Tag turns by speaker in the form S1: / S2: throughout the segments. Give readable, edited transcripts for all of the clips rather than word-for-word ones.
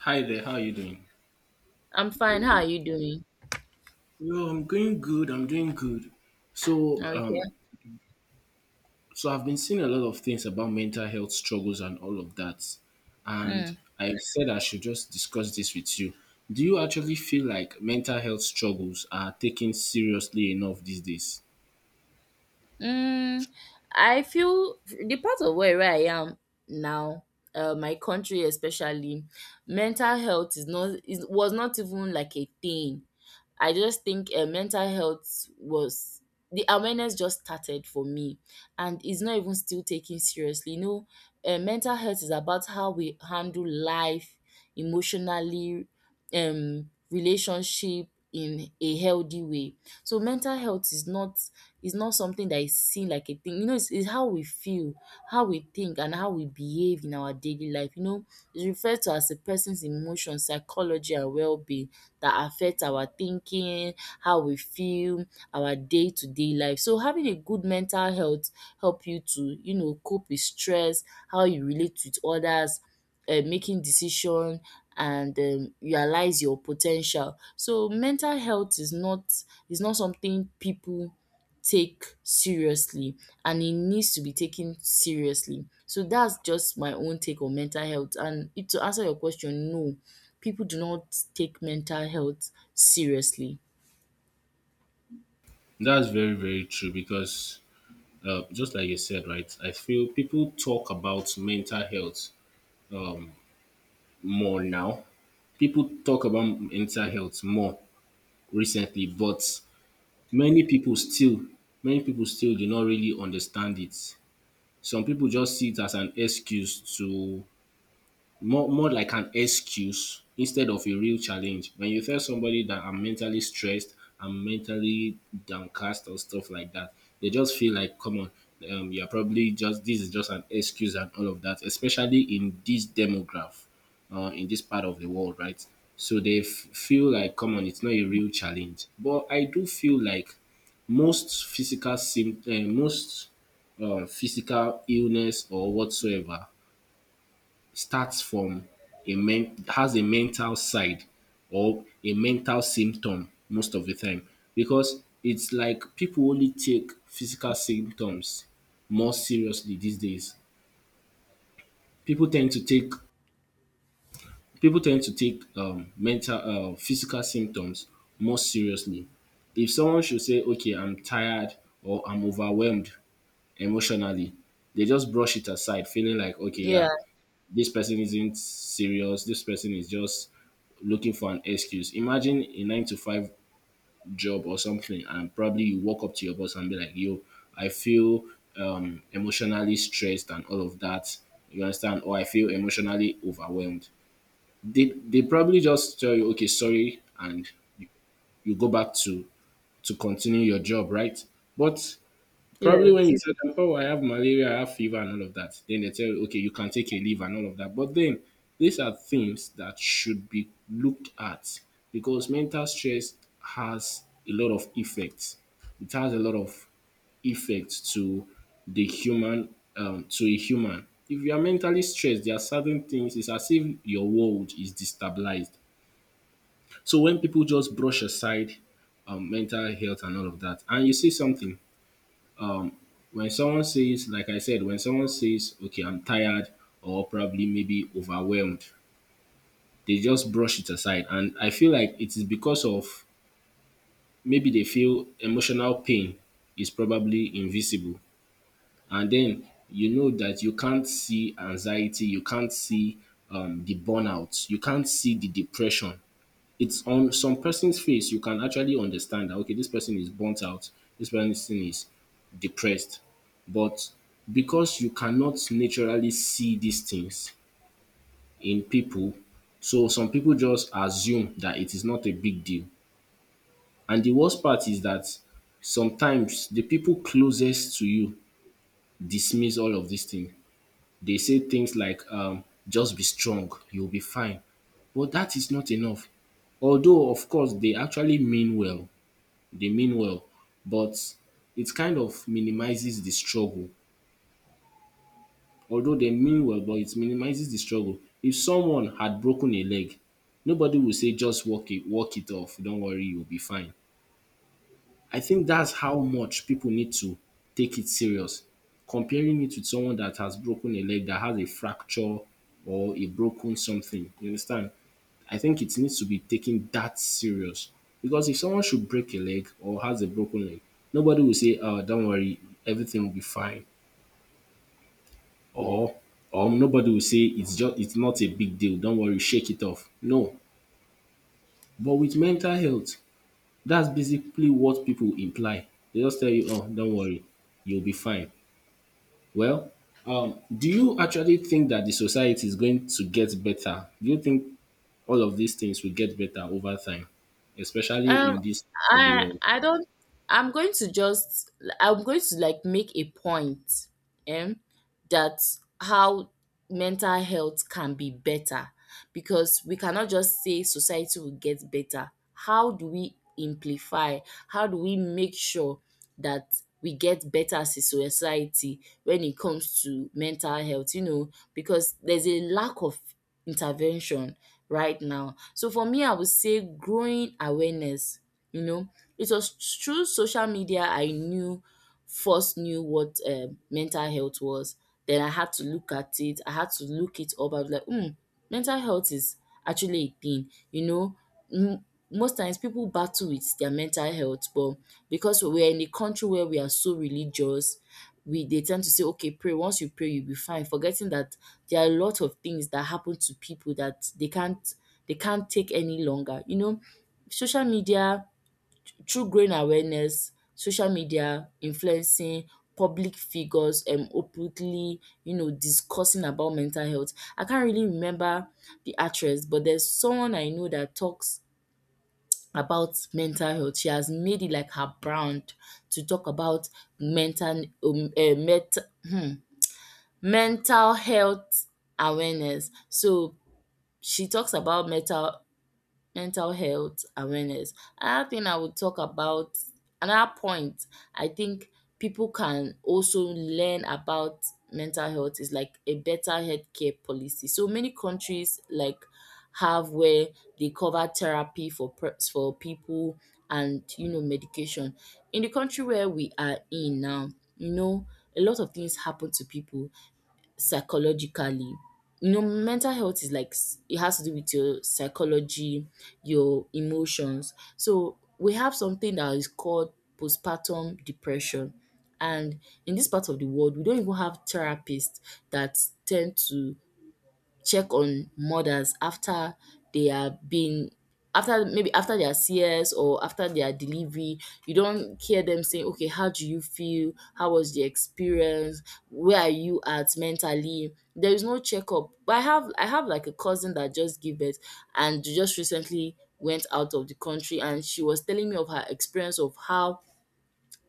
S1: Hi there, how are you doing?
S2: I'm fine. How are you doing?
S1: Yo, I'm going good, I'm doing good. So, um,
S2: Okay.
S1: so I've been seeing a lot of things about mental health struggles and all of that. And
S2: Mm.
S1: I said I should just discuss this with you. Do you actually feel like mental health struggles are taken seriously enough these days?
S2: Mm, I feel the part of where I am now, my country especially, mental health is not is was not even like a thing. I just think mental health was the awareness just started for me, and it's not even still taken seriously. Mental health is about how we handle life emotionally, relationship in a healthy way. So mental health is not something that is seen like a thing. You know, it's how we feel, how we think, and how we behave in our daily life. You know, it's referred to as a person's emotion, psychology, and well being that affect our thinking, how we feel, our day to day life. So, having a good mental health help you to, you know, cope with stress, how you relate with others, making decision and realize your potential. So mental health is not something people take seriously and it needs to be taken seriously. So that's just my own take on mental health. To answer your question, no, people do not take mental health seriously.
S1: That's very, very true because just like you said, right? I feel people talk about mental health um, more now. People talk about mental health more recently, but many pipu still many pipu still do not really understand it. Some pipu just see it as an excuse to more like an excuse instead of a real challenge. When you tell somebody that I'm mentally stressed, I'm mentally downcast or stuff like that, they just feel like, come on, you're probably just this is just an excuse and all of that, especially in this demograph, in this part of the world, right? So they feel like, come on, it's not a real challenge. But I do feel like most physical symptoms, most physical illness or whatsoever starts from a men has a mental side or a mental symptom most of the time, because it's like people only take physical symptoms more seriously these days. People tend to take People tend to take mental physical symptoms more seriously. If someone should say, okay, I'm tired or I'm overwhelmed emotionally, they just brush it aside, feeling like, okay, yeah,
S2: Yeah,
S1: this person isn't serious, this person is just looking for an excuse. Imagine a nine to five job or something, and probably you walk up to your boss and be like, yo, I feel emotionally stressed and all of that. You understand? Or I feel emotionally overwhelmed. They probably just tell you, okay, sorry, and you, you go back to continue your job, right? But probably when
S2: yes.
S1: you tell them, oh, I have malaria, I have fever, and all of that, then they tell you, okay, you can take a leave and all of that. But then these are things that should be looked at, because mental stress has a lot of effects. It has a lot of effects to the human, to a human. If you are mentally stressed, there are certain things, it's as if your world is destabilized. So when people just brush aside mental health and all of that, and you see something, when someone says, like I said, when someone says, okay, I'm tired or probably maybe overwhelmed, they just brush it aside. And I feel like it is because of, maybe they feel emotional pain is probably invisible. And then you know that you can't see anxiety, you can't see the burnout, you can't see the depression. It's on some person's face you can actually understand that, okay, this person is burnt out, this person is depressed. But because you cannot naturally see these things in people, so some people just assume that it is not a big deal. And the worst part is that sometimes the people closest to you dismiss all of these things. They say things like, just be strong, you'll be fine. But that is not enough. Although, of course, they actually mean well, they mean well, but it kind of minimizes the struggle. Although they mean well, but it minimizes the struggle. If someone had broken a leg, nobody will say just walk it off, don't worry, you'll be fine. I think that's how much people need to take it serious. Comparing it with someone that has broken a leg, that has a fracture or a broken something. You understand? I think it needs to be taken that serious. Because if someone should break a leg or has a broken leg, nobody will say, oh, don't worry, everything will be fine. Or or nobody will say it's just it's not a big deal, don't worry, shake it off. No. But with mental health, that's basically what people imply. They just tell you, oh, don't worry, you'll be fine. Well, do you actually think that the society is going to get better? Do you think all of these things will get better over time, especially
S2: Um,
S1: in this part of the
S2: I
S1: world?
S2: I don't. I'm going to just. I'm going to like make a point, um, that how mental health can be better, because we cannot just say society will get better. How do we amplify? How do we make sure that we get better as a society when it comes to mental health? You know, because there's a lack of intervention right now. So for me, I would say growing awareness, you know, it was through social media I knew first knew what mental health was. Then I had to look at it. I had to look it up. I was like, hmm, mental health is actually a thing. You know, m- most times people battle with their mental health, but because we're in a country where we are so religious, we they tend to say, okay, pray. Once you pray, you'll be fine. Forgetting that there are a lot of things that happen to people that they can't take any longer. You know, social media, through growing awareness, social media influencing public figures openly, you know, discussing about mental health. I can't really remember the actress, but there's someone I know that talks about mental health. She has made it like her brand to talk about mental eh, mental hmm mental health awareness. So she talks about mental health awareness. Another thing I would talk about, another point I think people can also learn about mental health, is like a better healthcare policy. So many countries like have where they cover therapy for people, and you know, medication. In the country where we are in now, you know, a lot of things happen to people psychologically. You know, mental health is like it has to do with your psychology, your emotions. So we have something that is called postpartum depression. And in this part of the world, we don't even have therapists that tend to check on mothers after they are being after maybe after their CS or after their delivery. You don't hear them saying, okay, how do you feel? How was the experience? Where are you at mentally? There is no checkup. But I have like a cousin that just gave birth and just recently went out of the country, and she was telling me of her experience of how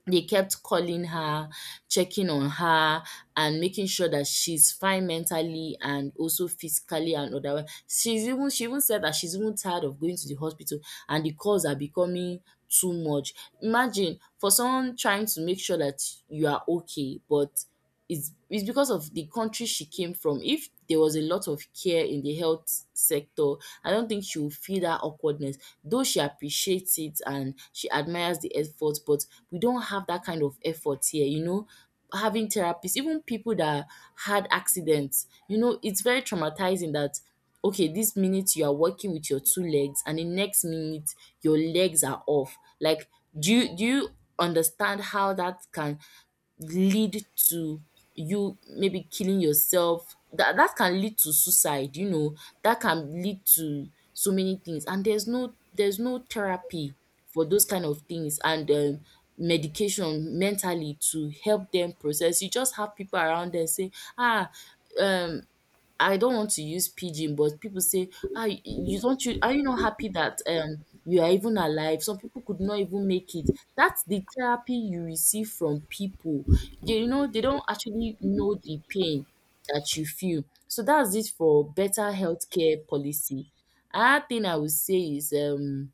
S2: they kept calling her, checking on her, and making sure that she's fine mentally and also physically and otherwise. She even said that she's even tired of going to the hospital and the calls are becoming too much. Imagine, for someone trying to make sure that you are okay, but is because of the country she came from. If there was a lot of care in the health sector, I don't think she would feel that awkwardness. Though she appreciates it and she admires the effort, but we don't have that kind of effort here, you know. Having therapists, even people that had accidents, you know, it's very traumatizing that okay, this minute you are working with your two legs, and the next minute your legs are off. Like, do you understand how that can lead to you maybe killing yourself, that can lead to suicide, you know, that can lead to so many things, and there's no therapy for those kind of things, and medication mentally to help them process. You just have people around them say ah um I don't want to use pidgin, but people say, "Ah, y you don't you are you not happy that, you are even alive?" Some people could not even make it. That's the therapy you receive from people. You know, they don't actually know the pain that you feel. So that's it for better healthcare policy. Another thing I would say is,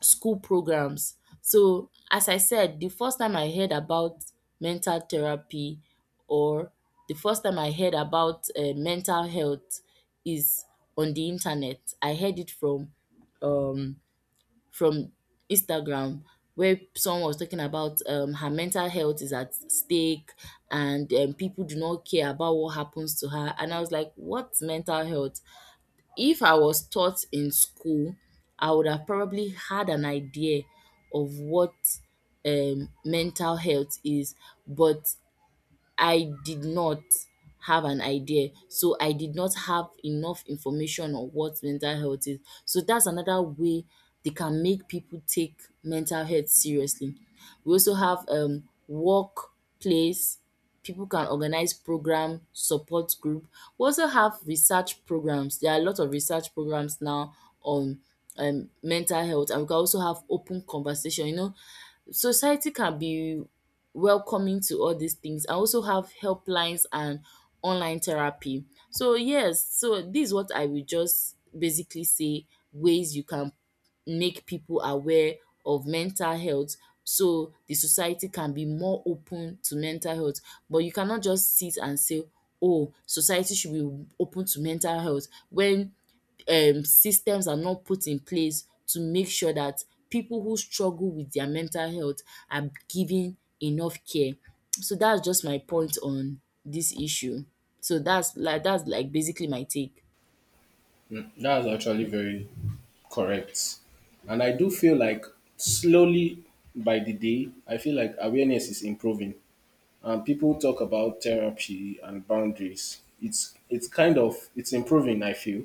S2: school programs. So, as I said, the first time I heard about mental therapy, or the first time I heard about mental health, is on the internet. I heard it from um, from Instagram, where someone was talking about her mental health is at stake, and people do not care about what happens to her. And I was like, what's mental health? If I was taught in school, I would have probably had an idea of what mental health is, but I did not have an idea. So I did not have enough information on what mental health is. So that's another way they can make people take mental health seriously. We also have workplace. People can organize program, support group. We also have research programs. There are a lot of research programs now on mental health, and we can also have open conversation. You know, society can be welcoming to all these things. I also have helplines and online therapy. So yes, so this is what I will just basically say, ways you can make people aware of mental health so the society can be more open to mental health. But you cannot just sit and say, oh, society should be open to mental health when systems are not put in place to make sure that people who struggle with their mental health are given enough care. So that's just my point on this issue. So that's like basically my take.
S1: That's actually very correct. And I do feel like, slowly by the day, I feel like awareness is improving, and people talk about therapy and boundaries. It's it's improving, I feel,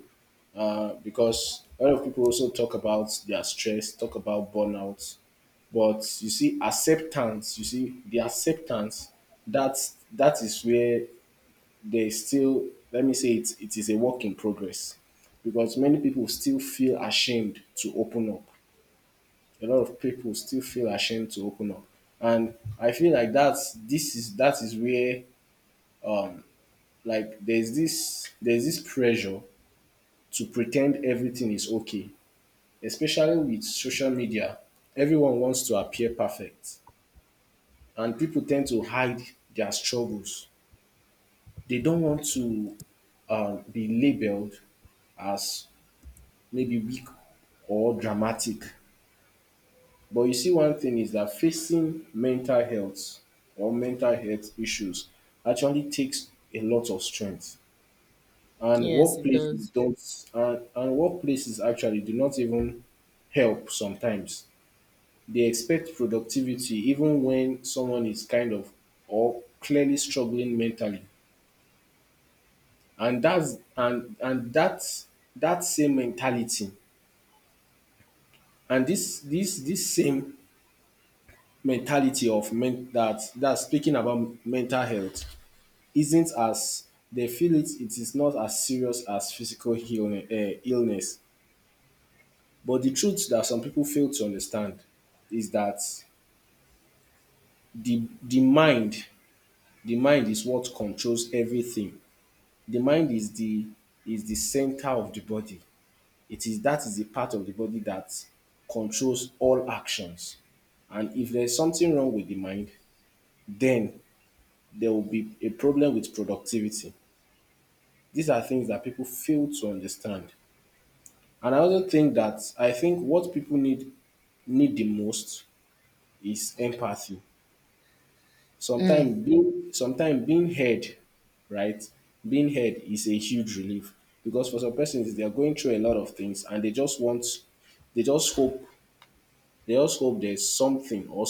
S1: because a lot of people also talk about their stress, talk about burnout, but you see acceptance. You see the acceptance. That is where they still, let me say it, it is a work in progress, because many people still feel ashamed to open up. A lot of people still feel ashamed to open up, and I feel like that's this is that is where, like, there's this pressure to pretend everything is okay, especially with social media. Everyone wants to appear perfect, and people tend to hide their struggles. They don't want to be labeled as maybe weak or dramatic. But you see, one thing is that facing mental health or mental health issues actually takes a lot of strength. And
S2: Yes, it
S1: workplaces
S2: does.
S1: don't, and workplaces actually do not even help sometimes. They expect productivity even when someone is kind of or clearly struggling mentally. And that's that same mentality, and this same mentality of men that that's speaking about mental health isn't as, they feel it, it is not as serious as physical illness, illness. But the truth that some people fail to understand is that the the mind, the mind is what controls everything. The mind is the center of the body. It is that is the part of the body that controls all actions. And if there's something wrong with the mind, then there will be a problem with productivity. These are things that people fail to understand. And I also think that, I think what people need the most is empathy.
S2: Mm.
S1: Sometime being heard, right, being heard is a huge relief, because for some persons they are going through a lot of things, and they just want, they just hope they just hope there's something or